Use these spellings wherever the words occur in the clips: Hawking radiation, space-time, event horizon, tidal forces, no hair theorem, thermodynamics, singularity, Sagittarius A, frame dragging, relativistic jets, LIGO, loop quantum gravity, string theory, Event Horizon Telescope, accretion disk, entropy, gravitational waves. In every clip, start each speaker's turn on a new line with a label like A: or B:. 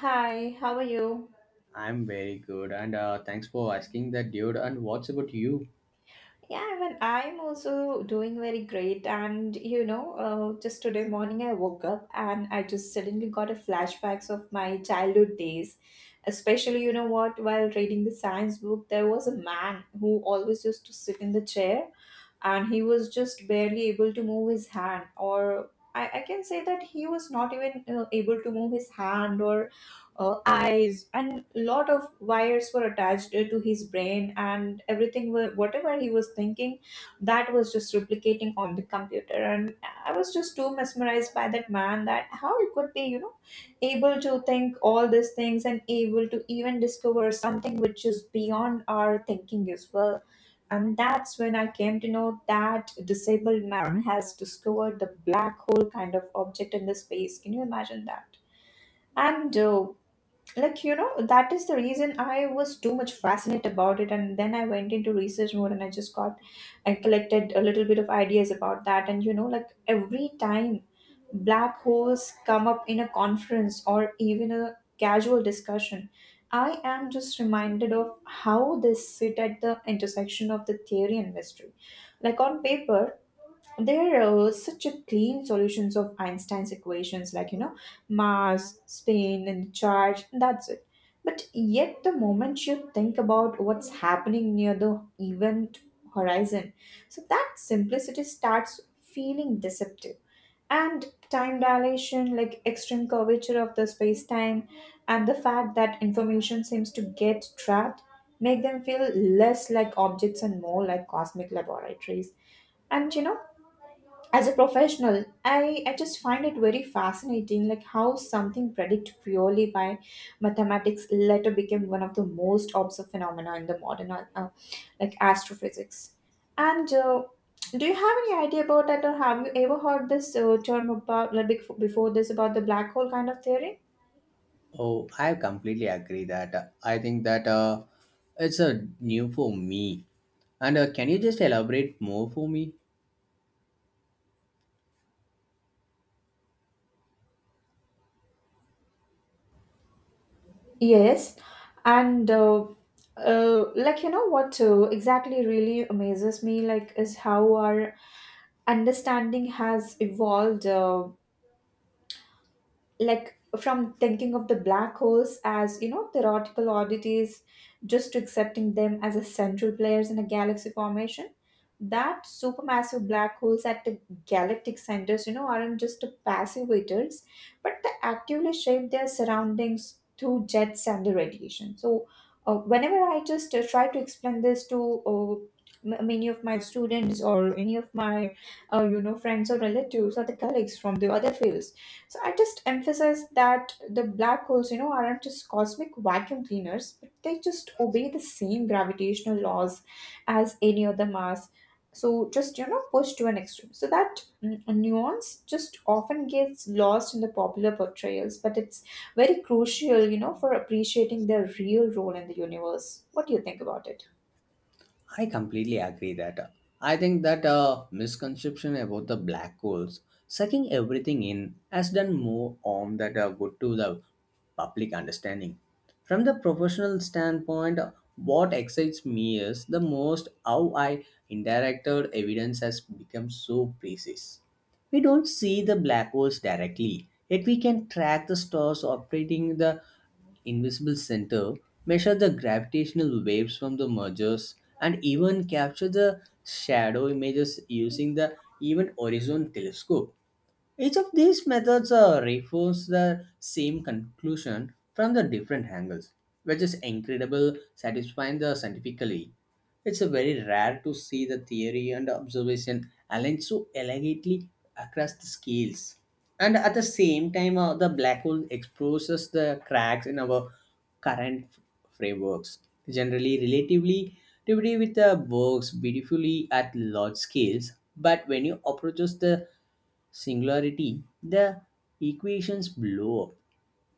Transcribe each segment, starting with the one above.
A: Hi, how are you?
B: I'm very good, and thanks for asking that, dude. And what's about you?
A: Yeah, I mean, I'm also doing very great. And you know, just today morning I woke up and I just suddenly got a flashbacks of my childhood days. Especially, you know what, while reading the science book, there was a man who always used to sit in the chair and he was just barely able to move his hand or I can say that he was not even able to move his hand or eyes and lot of wires were attached to his brain and everything were, whatever he was thinking, that was just replicating on the computer. And I was just too mesmerized by that man, that how he could be, you know, able to think all these things and able to even discover something which is beyond our thinking as well. And that's when I came to know that disabled man has discovered the black hole kind of object in the space. Can you imagine that? And Like, you know, that is the reason I was too much fascinated about it, and then I went into research mode and I just got and collected a little bit of ideas about that. And you know, like, every time black holes come up in a conference or even a casual discussion, I am just reminded of how they sit at the intersection of the theory and mystery. Like, on paper, there are such a clean solutions of Einstein's equations, like, you know, mass, spin and charge, that's it. But yet the moment you think about what's happening near the event horizon, so that simplicity starts feeling deceptive. And time dilation, like extreme curvature of the space-time and the fact that information seems to get trapped, make them feel less like objects and more like cosmic laboratories. And you know, as a professional, i I just find it very fascinating, like how something predicted purely by mathematics later became one of the most observed phenomena in the modern like astrophysics. And Do you have any idea about that, or have you ever heard this term about, like, before this, about the black hole kind of theory?
B: Oh, I completely agree that. I think that It's a new for me. And can you just elaborate more for me?
A: Yes, and like, you know what, exactly really amazes me, like, is how our understanding has evolved, like from thinking of the black holes as, you know, theoretical oddities just to accepting them as a central players in a galaxy formation. That supermassive black holes at the galactic centers, you know, aren't just the passive waiters, but they actively shape their surroundings through jets and the radiation. So whenever I just try to explain this to, many of my students or any of my you know, friends or relatives or the colleagues from the other fields, so I just emphasize that the black holes, you know, aren't just cosmic vacuum cleaners, but they just obey the same gravitational laws as any other mass. So just, you know, pushed to an extreme. So that nuance just often gets lost in the popular portrayals, but it's very crucial, you know, for appreciating their real role in the universe. What do you think about it?
B: I completely agree that. I think that misconception about the black holes sucking everything in has done more harm that good to the public understanding. From the professional standpoint, what excites me is the most how I interacted evidence has become so precise. We don't see the black holes directly, yet we can track the stars operating in the invisible center, measure the gravitational waves from the mergers, and even capture the shadow images using the Event Horizon Telescope. Each of these methods refers the same conclusion from the different angles, which is incredible, satisfying the scientifically. It's a very rare to see the theory and observation aligned so elegantly across the scales, and at the same time, the black hole exposes the cracks in our current frameworks. Generally relatively relativity with the works beautifully at large scales, but when you approaches the singularity, the equations blow up.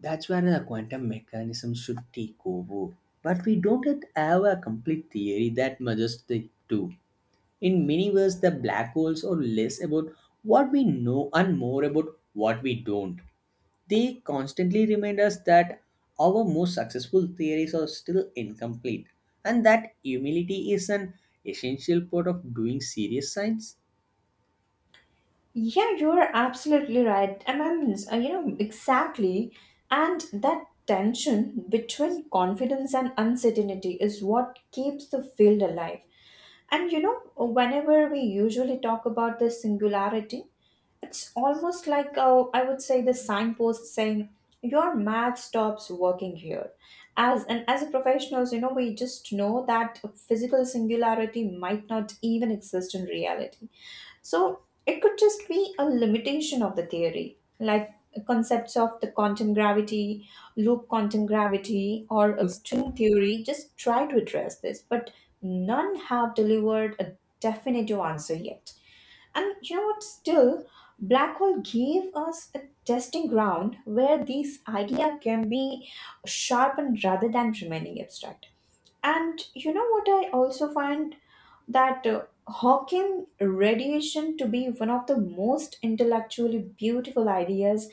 B: That's where the quantum mechanism should take over, but we don't yet have a complete theory that merges the two. In many ways, the black holes are less about what we know and more about what we don't. They constantly remind us that our most successful theories are still incomplete, and that humility is an essential part of doing serious science.
A: Yeah, you're absolutely right. And I'm, you know, exactly. And that tension between confidence and uncertainty is what keeps the field alive. And, you know, whenever we usually talk about the singularity, it's almost like, I would say, the signpost saying your math stops working here. As and as a professionals, you know, we just know that physical singularity might not even exist in reality, so it could just be a limitation of the theory. Like, concepts of the quantum gravity, loop quantum gravity, or a string theory just try to address this, but none have delivered a definitive answer yet. And you know what? Still, black hole gave us a testing ground where these idea can be sharpened rather than remaining abstract. And you know what, I also find that Hawking radiation to be one of the most intellectually beautiful ideas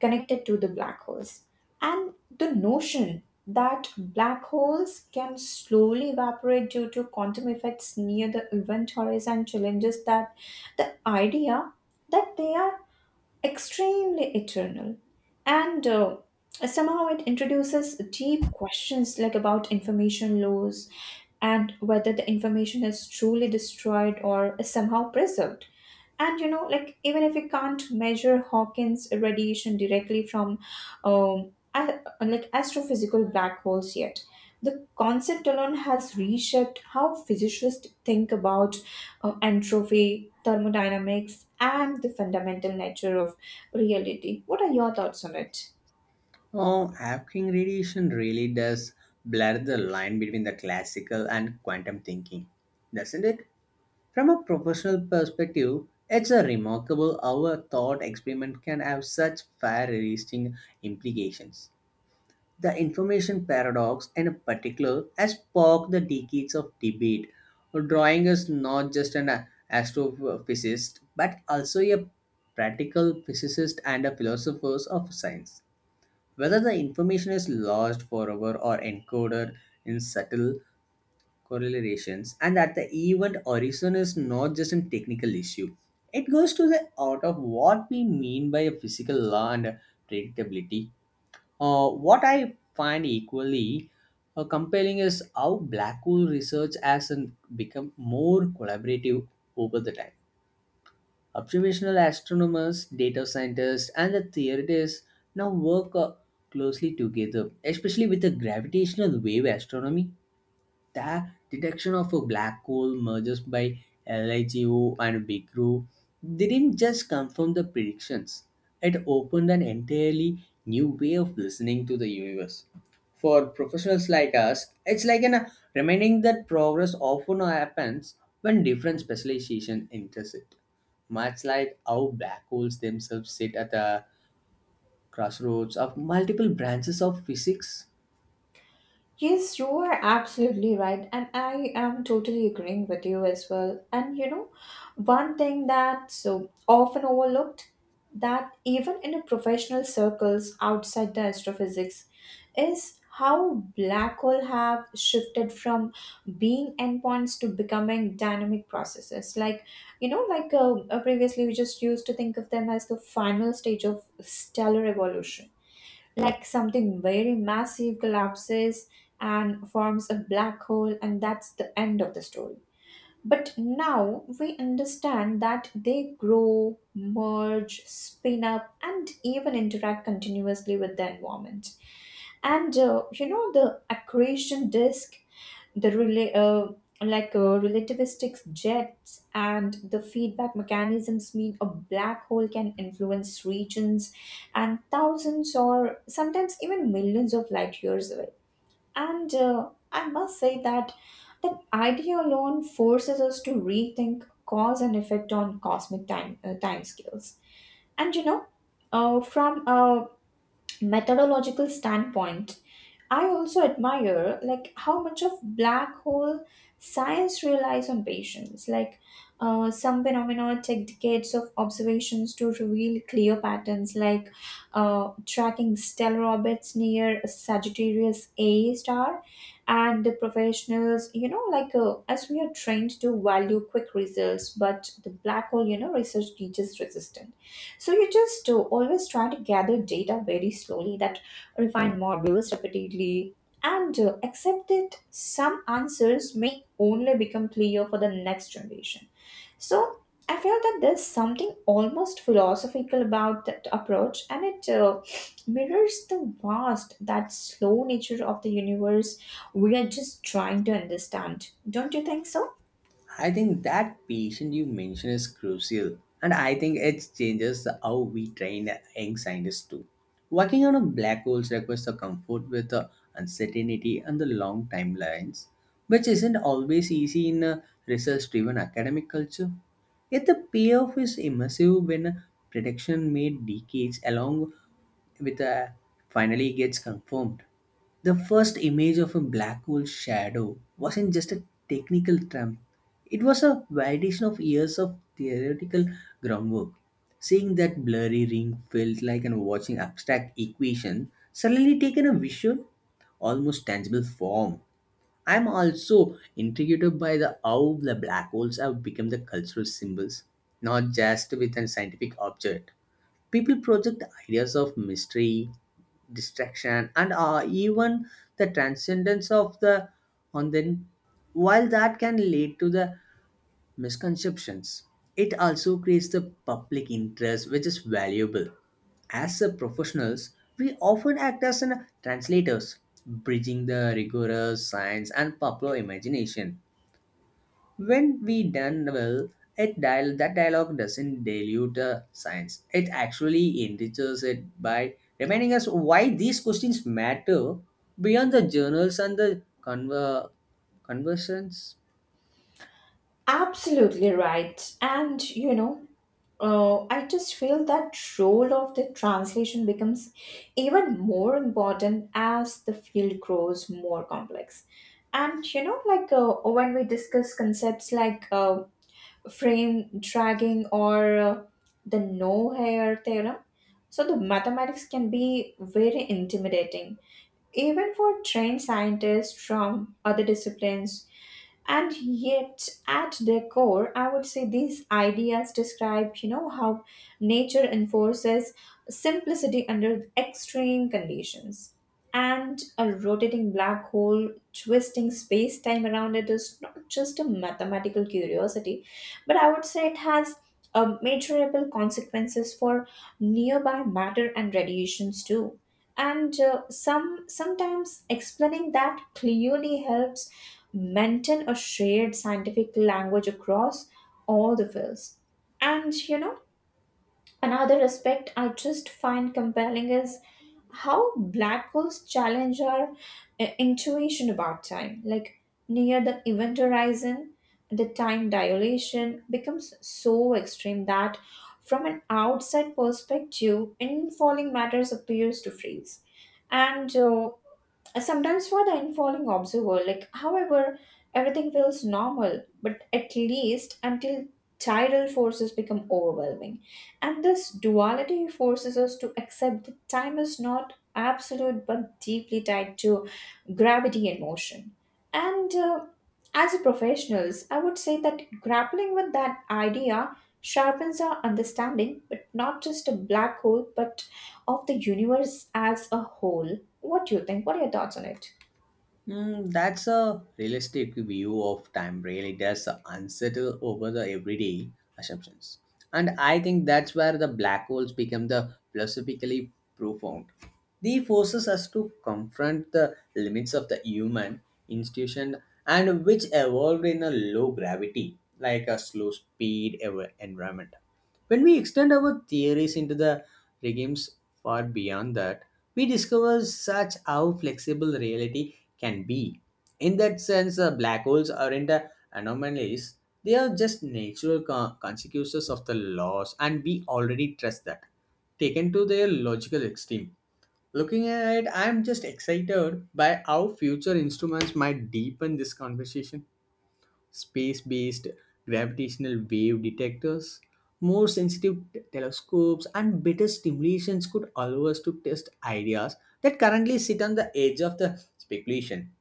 A: connected to the black holes. And the notion that black holes can slowly evaporate due to quantum effects near the event horizon challenges that the idea that they are extremely eternal. And Somehow it introduces deep questions, like, about information laws and whether the information is truly destroyed or is somehow preserved. And you know, like, even if we can't measure Hawking's radiation directly from like astrophysical black holes yet, the concept alone has reshaped how physicists think about entropy, thermodynamics, and the fundamental nature of reality. What are your thoughts on it?
B: Oh, Hawking radiation really does blur the line between the classical and quantum thinking, doesn't it? From a professional perspective, it's a remarkable how a thought experiment can have such far-reaching implications. The information paradox, in particular, has sparked the decades of debate, drawing us not just astrophysicist but also a practical physicist and a philosopher of science. Whether the information is lost forever or encoded in subtle correlations, and that the event horizon is not just a technical issue. It goes to the out of what we mean by a physical law and predictability. What I find equally compelling is how black hole research has become more collaborative over the time. Observational astronomers, data scientists, and the theorists now work closely together, especially with the gravitational wave astronomy. The detection of a black hole mergers by LIGO and Big didn't just confirm the predictions, it opened an entirely new way of listening to the universe. For professionals like us, it's like an, reminding that progress often happens when different specialization intersect, much like how black holes themselves sit at the crossroads of multiple branches of physics.
A: Yes, you are absolutely right, and I am totally agreeing with you as well. And you know, one thing that's so often overlooked, that even in a professional circles outside the astrophysics, is how black hole have shifted from being endpoints to becoming dynamic processes. Like, you know, like, previously we just used to think of them as the final stage of stellar evolution, like something very massive collapses and forms a black hole, and that's the end of the story. But now we understand that they grow, merge, spin up, and even interact continuously with the environment. And you know, the accretion disk, the like, relativistic jets and the feedback mechanisms mean a black hole can influence regions and thousands or sometimes even millions of light years away. And I must say that that idea alone forces us to rethink cause and effect on cosmic time scales. And you know, from a methodological standpoint, I also admire like how much of black hole science relies on patience. Like, some phenomena take decades of observations to reveal clear patterns, like, tracking stellar orbits near Sagittarius A star. And the professionals, you know, like, as we are trained to value quick results, but the black hole, you know, research teaches resistance. So you just always try to gather data very slowly, that refine models repeatedly, and accept that some answers may only become clear for the next generation. So I feel that there's something almost philosophical about that approach, and it mirrors the vast, that slow nature of the universe we are just trying to understand. Don't you think so?
B: I think that patient you mentioned is crucial, and I think it changes how we train young scientists too. Working on a black hole requires the comfort with the uncertainty and the long timelines, which isn't always easy in a research-driven academic culture. Yet the payoff is immersive when prediction made decades along with a finally gets confirmed. The first image of a black hole shadow wasn't just a technical term, it was a validation of years of theoretical groundwork. Seeing that blurry ring felt like an watching abstract equation suddenly taken a visual, almost tangible form. I'm also intrigued by the how the black holes have become the cultural symbols, not just with a scientific object. People project ideas of mystery, distraction, and even the transcendence of the on them. While that can lead to the misconceptions, it also creates the public interest, which is valuable. As a professionals, we often act as an translators, bridging the rigorous science and popular imagination. When we done well, it dial that dialogue doesn't dilute the science. It actually enriches it by reminding us why these questions matter beyond the journals and the conversions.
A: Absolutely right. And you know, I just feel that role of the translation becomes even more important as the field grows more complex. And you know, like, when we discuss concepts like, frame dragging or the no hair theorem. So the mathematics can be very intimidating, even for trained scientists from other disciplines. And yet at their core, I would say these ideas describe, you know, how nature enforces simplicity under extreme conditions. And a rotating black hole twisting space time around it is not just a mathematical curiosity, but I would say it has measurable consequences for nearby matter and radiations too. And Sometimes explaining that clearly helps maintain a shared scientific language across all the fields. And you know, another aspect I just find compelling is how black holes challenge our intuition about time. Like, near the event horizon, the time dilation becomes so extreme that from an outside perspective, infalling matters appears to freeze. And Sometimes for the infalling observer, like, however, everything feels normal, but at least until tidal forces become overwhelming. And this duality forces us to accept that time is not absolute but deeply tied to gravity and motion. And As a professionals, I would say that grappling with that idea sharpens our understanding, but not just a black hole, but of the universe as a whole. What do you think? What are your thoughts on it?
B: Mm, that's a realistic view of time really does unsettle over the everyday assumptions. And I think that's where the black holes become the philosophically profound. They forces us to confront the limits of the human institution, and which evolved in a low gravity, like a slow speed environment. When we extend our theories into the regimes far beyond that, we discover such how flexible reality can be. In that sense, black holes aren't anomalies, they are just natural consequences of the laws, and we already trust that, taken to their logical extreme. Looking ahead, I'm just excited by how future instruments might deepen this conversation. Space based gravitational wave detectors, more sensitive telescopes, and better stimulations could allow us to test ideas that currently sit on the edge of the speculation.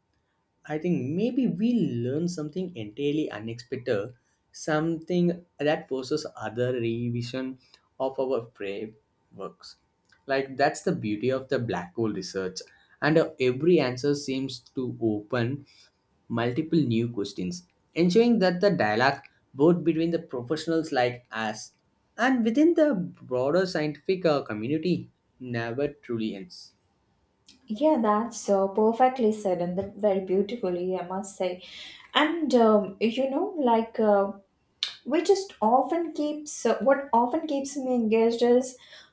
B: I think maybe we learn something entirely unexpected, something that forces other revision of our frameworks. Like that's the beauty of the black hole research, and every answer seems to open multiple new questions, ensuring that the dialogue both between the professionals like us and within the broader scientific community never truly ends.
A: Yeah, that's so perfectly said, and that very beautifully, I must say. And you know, like. We just often keeps what often keeps me engaged is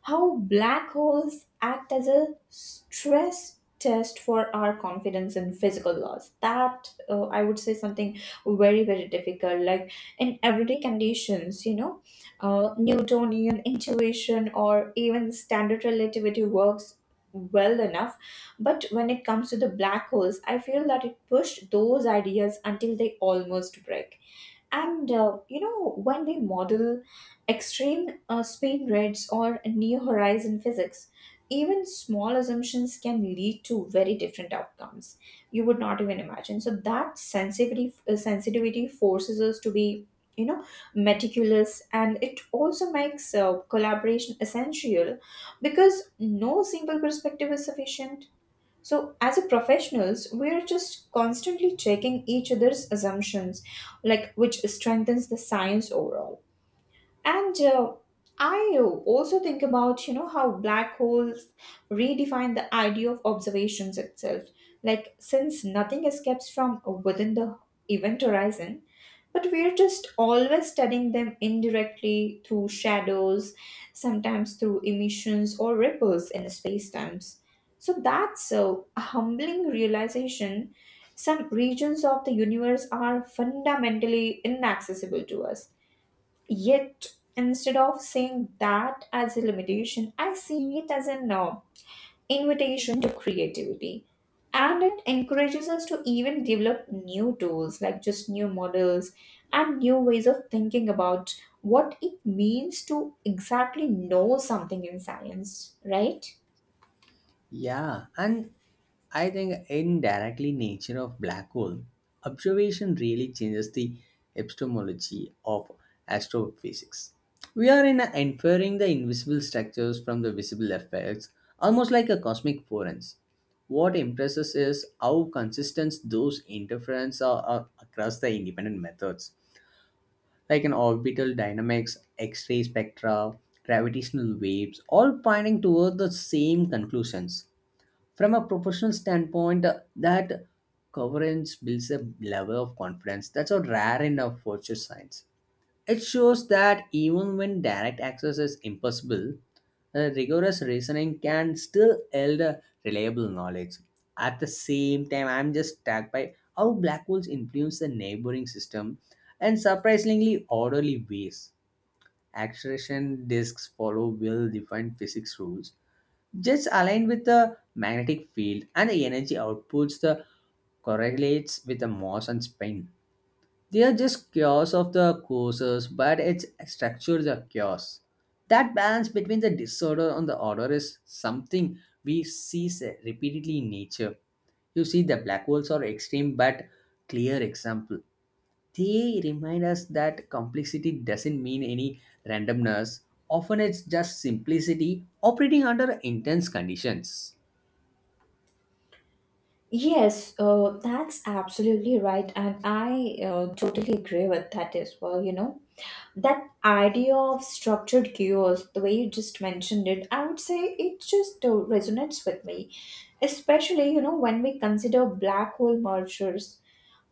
A: how black holes act as a stress test for our confidence in physical laws. That I would say something very very difficult. Like, in everyday conditions, you know, newtonian intuition or even standard relativity works well enough, but when it comes to the black holes, I feel that it pushed those ideas until they almost break. And You know, when they model extreme speed grids or near horizon physics, even small assumptions can lead to very different outcomes you would not even imagine. So that sensitivity forces us to be, you know, meticulous, and it also makes collaboration essential because no single perspective is sufficient. So, as a professionals, we're just constantly checking each other's assumptions, like, which strengthens the science overall. And I also think about, you know, how black holes redefine the idea of observations itself. Like, since nothing escapes from within the event horizon, but we're just always studying them indirectly through shadows, sometimes through emissions or ripples in space times. So that's a humbling realization. Some regions of the universe are fundamentally inaccessible to us. Yet, instead of seeing that as a limitation, I see it as an invitation to creativity. And it encourages us to even develop new tools, like just new models and new ways of thinking about what it means to exactly know something in science, right?
B: Yeah, and I think indirectly nature of black hole observation really changes the epistemology of astrophysics. We are in a inferring the invisible structures from the visible effects, almost like a cosmic forensic. What impresses is how consistent those interferences are across the independent methods, like an orbital dynamics, X-ray spectra, gravitational waves, all pointing toward the same conclusions. From a professional standpoint, that coverage builds a level of confidence that's a rare in our virtue science. It shows that even when direct access is impossible, rigorous reasoning can still yield a reliable knowledge. At the same time, I'm just struck by how black holes influence the neighboring system in surprisingly orderly ways. Acceleration disks follow well defined physics rules, just aligned with the magnetic field and the energy outputs the correlates with the mass and spin. They are just chaos of the courses, but it's structured the chaos. That balance between the disorder and the order is something we see repeatedly in nature. You see, the black holes are extreme but clear example. They remind us that complexity doesn't mean any randomness. Often it's just simplicity operating under intense conditions.
A: Yes, that's absolutely right, and I totally agree with that as well, you know, that idea of structured chaos, the way you just mentioned it, I would say it just resonates with me, especially, you know, when we consider black hole mergers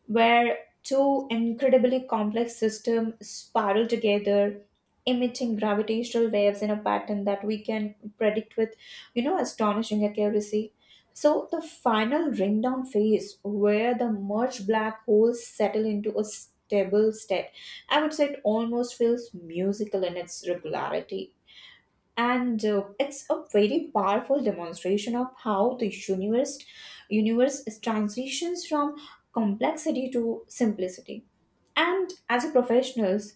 A: where two incredibly complex systems spiral together, emitting gravitational waves in a pattern that we can predict with, you know, astonishing accuracy. So the final ring down phase, where the merged black holes settle into a stable state, I would say it almost feels musical in its regularity, and it's a very powerful demonstration of how the universe is transitions from complexity to simplicity. And as a professionals,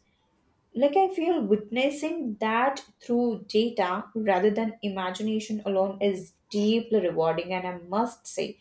A: like, I feel witnessing that through data rather than imagination alone is deeply rewarding, and I must say,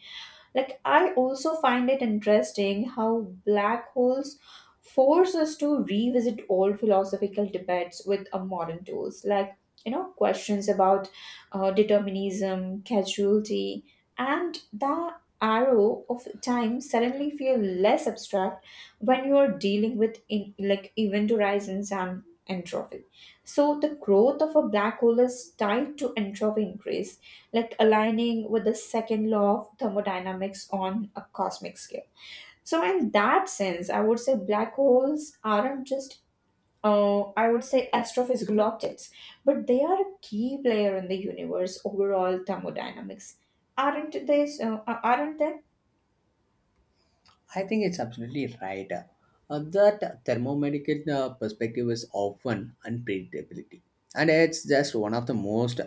A: like, I also find it interesting how black holes force us to revisit old philosophical debates with modern tools, like, you know, questions about determinism, causality, and the arrow of time suddenly feel less abstract when you are dealing with in, like, event horizons and entropy. So the growth of a black hole is tied to entropy increase, like aligning with the second law of thermodynamics on a cosmic scale. So in that sense, I would say black holes aren't just I would say astrophysical objects, but they are a key player in the universe overall thermodynamics. Aren't they? So, aren't they?
B: I think it's absolutely right. That thermomedical perspective is often unpredictability, and it's just one of the most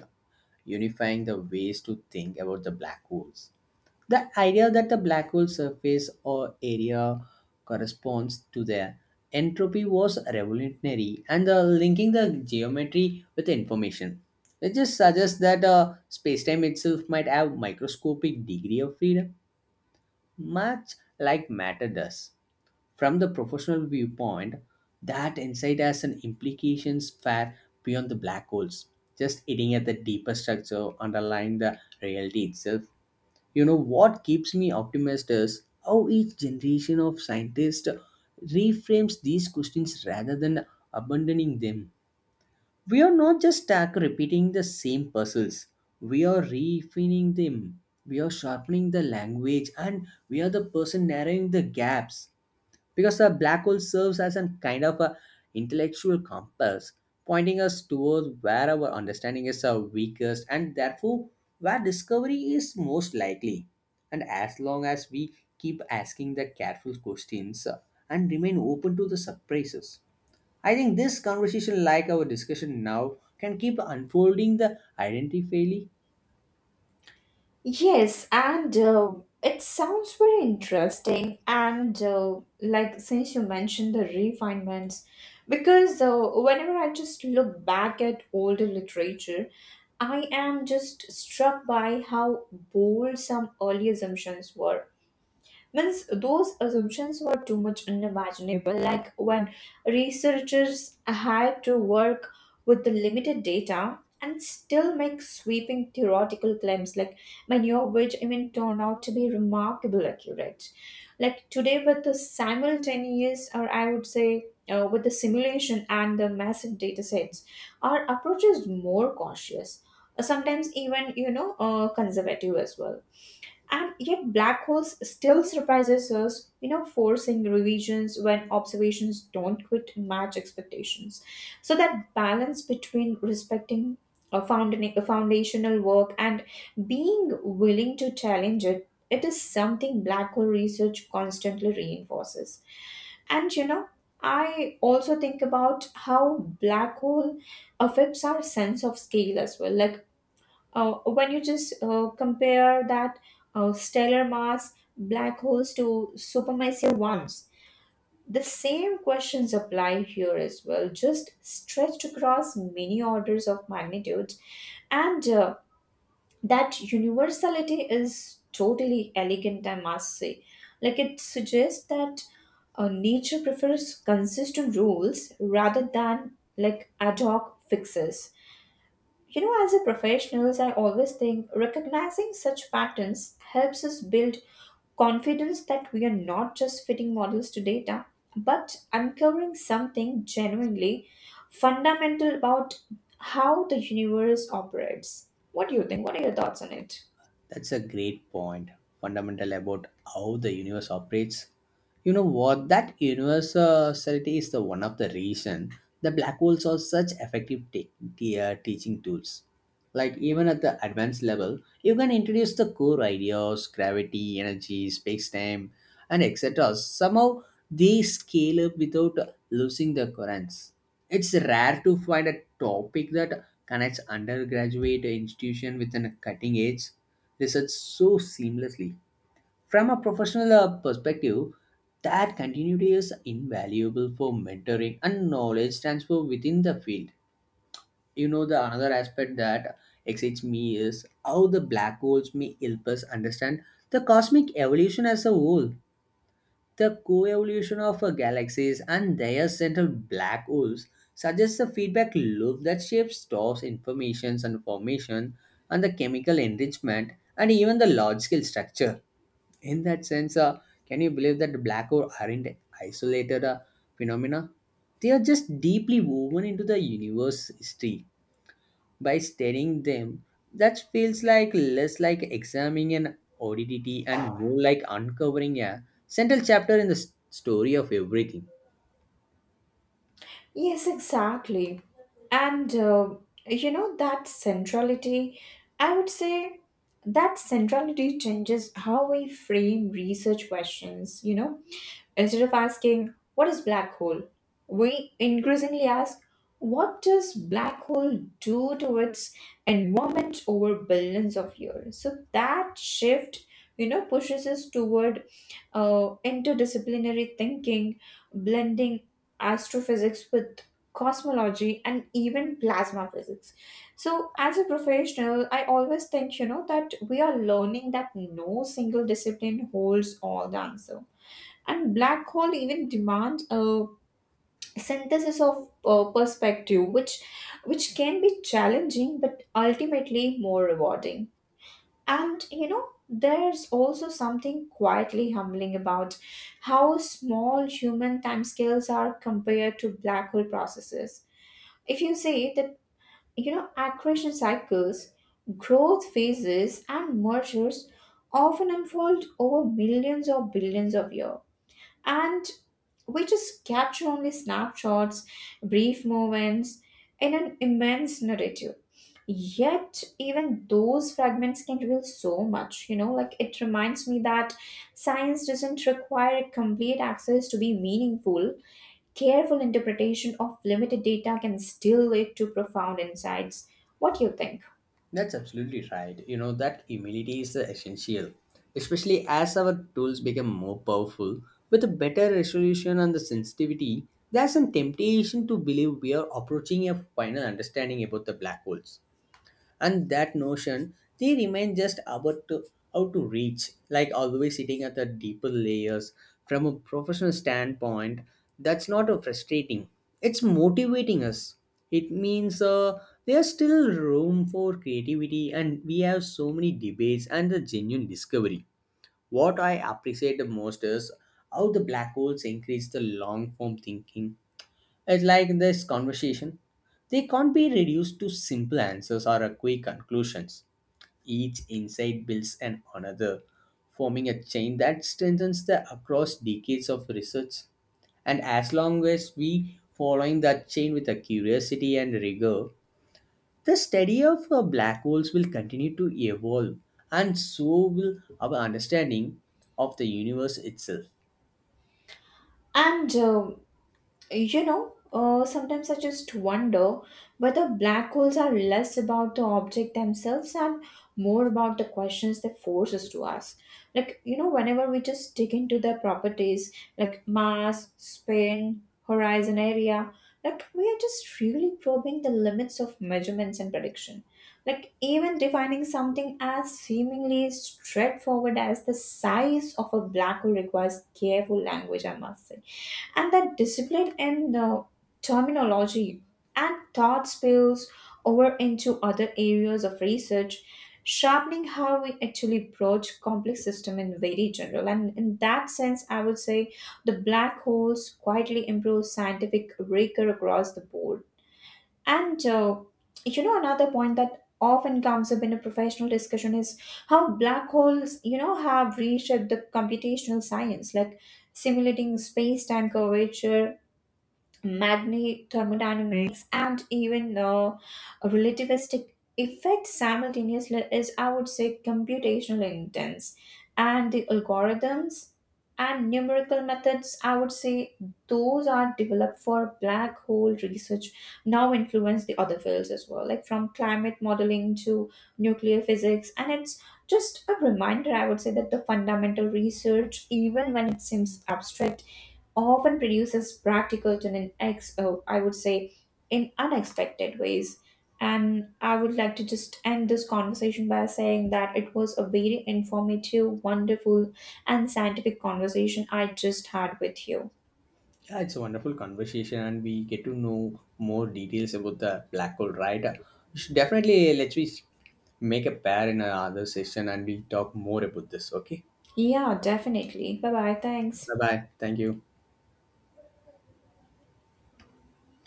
B: unifying the ways to think about the black holes. The idea that the black hole surface or area corresponds to their entropy was revolutionary, and the linking the geometry with the information. It just suggests that space-time itself might have microscopic degree of freedom, much like matter does. From the professional viewpoint, that insight has an implications far beyond the black holes, just hitting at the deeper structure underlying the reality itself. You know what keeps me optimistic is how each generation of scientists reframes these questions rather than abandoning them. We are not just stuck repeating the same puzzles. We are refining them. We are sharpening the language, and we are the person narrowing the gaps, because a black hole serves as a kind of a intellectual compass pointing us towards where our understanding is our weakest, and therefore where discovery is most likely. And as long as we keep asking the careful questions, and remain open to the surprises, I think this conversation like our discussion now can keep unfolding the identity.
A: Yes, and it sounds very interesting. And like since you mentioned the refinements, because whenever I just look back at older literature, I am just struck by how bold some early assumptions were. Means those assumptions were too much unimaginable, like when researchers had to work with the limited data and still make sweeping theoretical claims, like many of which even turn out to be remarkably accurate. Like today, with the simultaneous, or I would say, with the simulation and the massive data sets, our approach is more cautious, sometimes even, you know, conservative as well, and yet black holes still surprises us, you know, forcing revisions when observations don't quite match expectations. So that balance between respecting a, found a foundational work and being willing to challenge it, it is something black hole research constantly reinforces. And you know, I also think about how black hole affects our sense of scale as well. Like when you just compare that stellar mass black holes to supermassive ones, the same questions apply here as well, just stretched across many orders of magnitude. And that universality is totally elegant, I must say. Like it suggests that nature prefers consistent rules rather than like ad hoc fixes. You know, as a professionals, I always think recognizing such patterns helps us build confidence that we are not just fitting models to data, but uncovering something genuinely fundamental about how the universe operates. What do you think? What are your thoughts on it?
B: That's a great point, fundamental about how the universe operates. You know what? That universality is the one of the reason the black holes are such effective teaching tools. Like even at the advanced level, you can introduce the core ideas, gravity, energy, space-time, and etc. Somehow they scale up without losing the currents. It's rare to find a topic that connects undergraduate institution with a cutting edge research so seamlessly. From a professional perspective, that continuity is invaluable for mentoring and knowledge transfer within the field. You know, the another aspect that excites me is how the black holes may help us understand the cosmic evolution as a whole. The co evolution of galaxies and their central black holes suggests a feedback loop that shapes stores informations and formation, and the chemical enrichment, and even the large scale structure. In that sense, can you believe that black holes aren't isolated phenomena? They are just deeply woven into the universe history. By studying them, that feels like less like examining an oddity and more like uncovering a central chapter in the story of everything.
A: Yes, exactly. And you know, that centrality, I would say that centrality changes how we frame research questions, you know. Instead of asking, what is black hole? We increasingly ask, what does black hole do to its environment over billions of years? So that shift, you know, pushes us toward interdisciplinary thinking, blending astrophysics with cosmology and even plasma physics. So, as a professional, I always think, you know, that we are learning that no single discipline holds all the answer, and black hole even demand a synthesis of perspective which can be challenging but ultimately more rewarding. And you know, there's also something quietly humbling about how small human timescales are compared to black hole processes. If you say that, you know, accretion cycles, growth phases and mergers often unfold over millions or billions of years, and we just capture only snapshots, brief moments in an immense narrative. Yet, even those fragments can reveal so much, you know, like it reminds me that science doesn't require complete access to be meaningful. Careful interpretation of limited data can still lead to profound insights. What do you think?
B: That's absolutely right. You know, that humility is essential, especially as our tools become more powerful. With a better resolution and the sensitivity, there's some temptation to believe we are approaching a final understanding about the black holes, and that notion they remain just about to, how to reach like always sitting at the deeper layers. From a professional standpoint, that's not a frustrating, it's motivating us. It means there's still room for creativity, and we have so many debates and the genuine discovery. What I appreciate the most is how the black holes increase the long form thinking. It's like in this conversation, they can't be reduced to simple answers or a quick conclusions. Each insight builds on another, forming a chain that strengthens the across decades of research. And as long as we following that chain with a curiosity and rigor, the study of black holes will continue to evolve, and so will our understanding of the universe itself.
A: And you know, sometimes I just wonder whether black holes are less about the object themselves and more about the questions they force us to ask. Like, you know, whenever we just dig into their properties, like mass, spin, horizon area, like we are just really probing the limits of measurements and prediction. Like, even defining something as seemingly straightforward as the size of a black hole requires careful language, I must say, and that discipline in the terminology and thought spills over into other areas of research, sharpening how we actually approach complex system in very general. And in that sense I would say the black holes quietly improve scientific rigor across the board. And you know, another point that often comes up in a professional discussion is how black holes, you know, have reshaped the computational science, like simulating space time curvature, magni thermodynamics and even relativistic effects simultaneously is, I would say, computational intense, and the algorithms and numerical methods, I would say those are developed for black hole research now influence the other fields as well, like from climate modeling to nuclear physics. And it's just a reminder, I would say, that the fundamental research, even when it seems abstract, often produces practical to an ex, oh, I would say, in unexpected ways. And I would like to just end this conversation by saying that it was a very informative, wonderful, and scientific conversation I just had with you.
B: Yeah, it's a wonderful conversation, and we get to know more details about the black hole, right? We definitely, let's we make a pair in another session, and we'll talk more about this. Okay,
A: Yeah, definitely. Bye bye. Thanks.
B: bye bye. Thank you.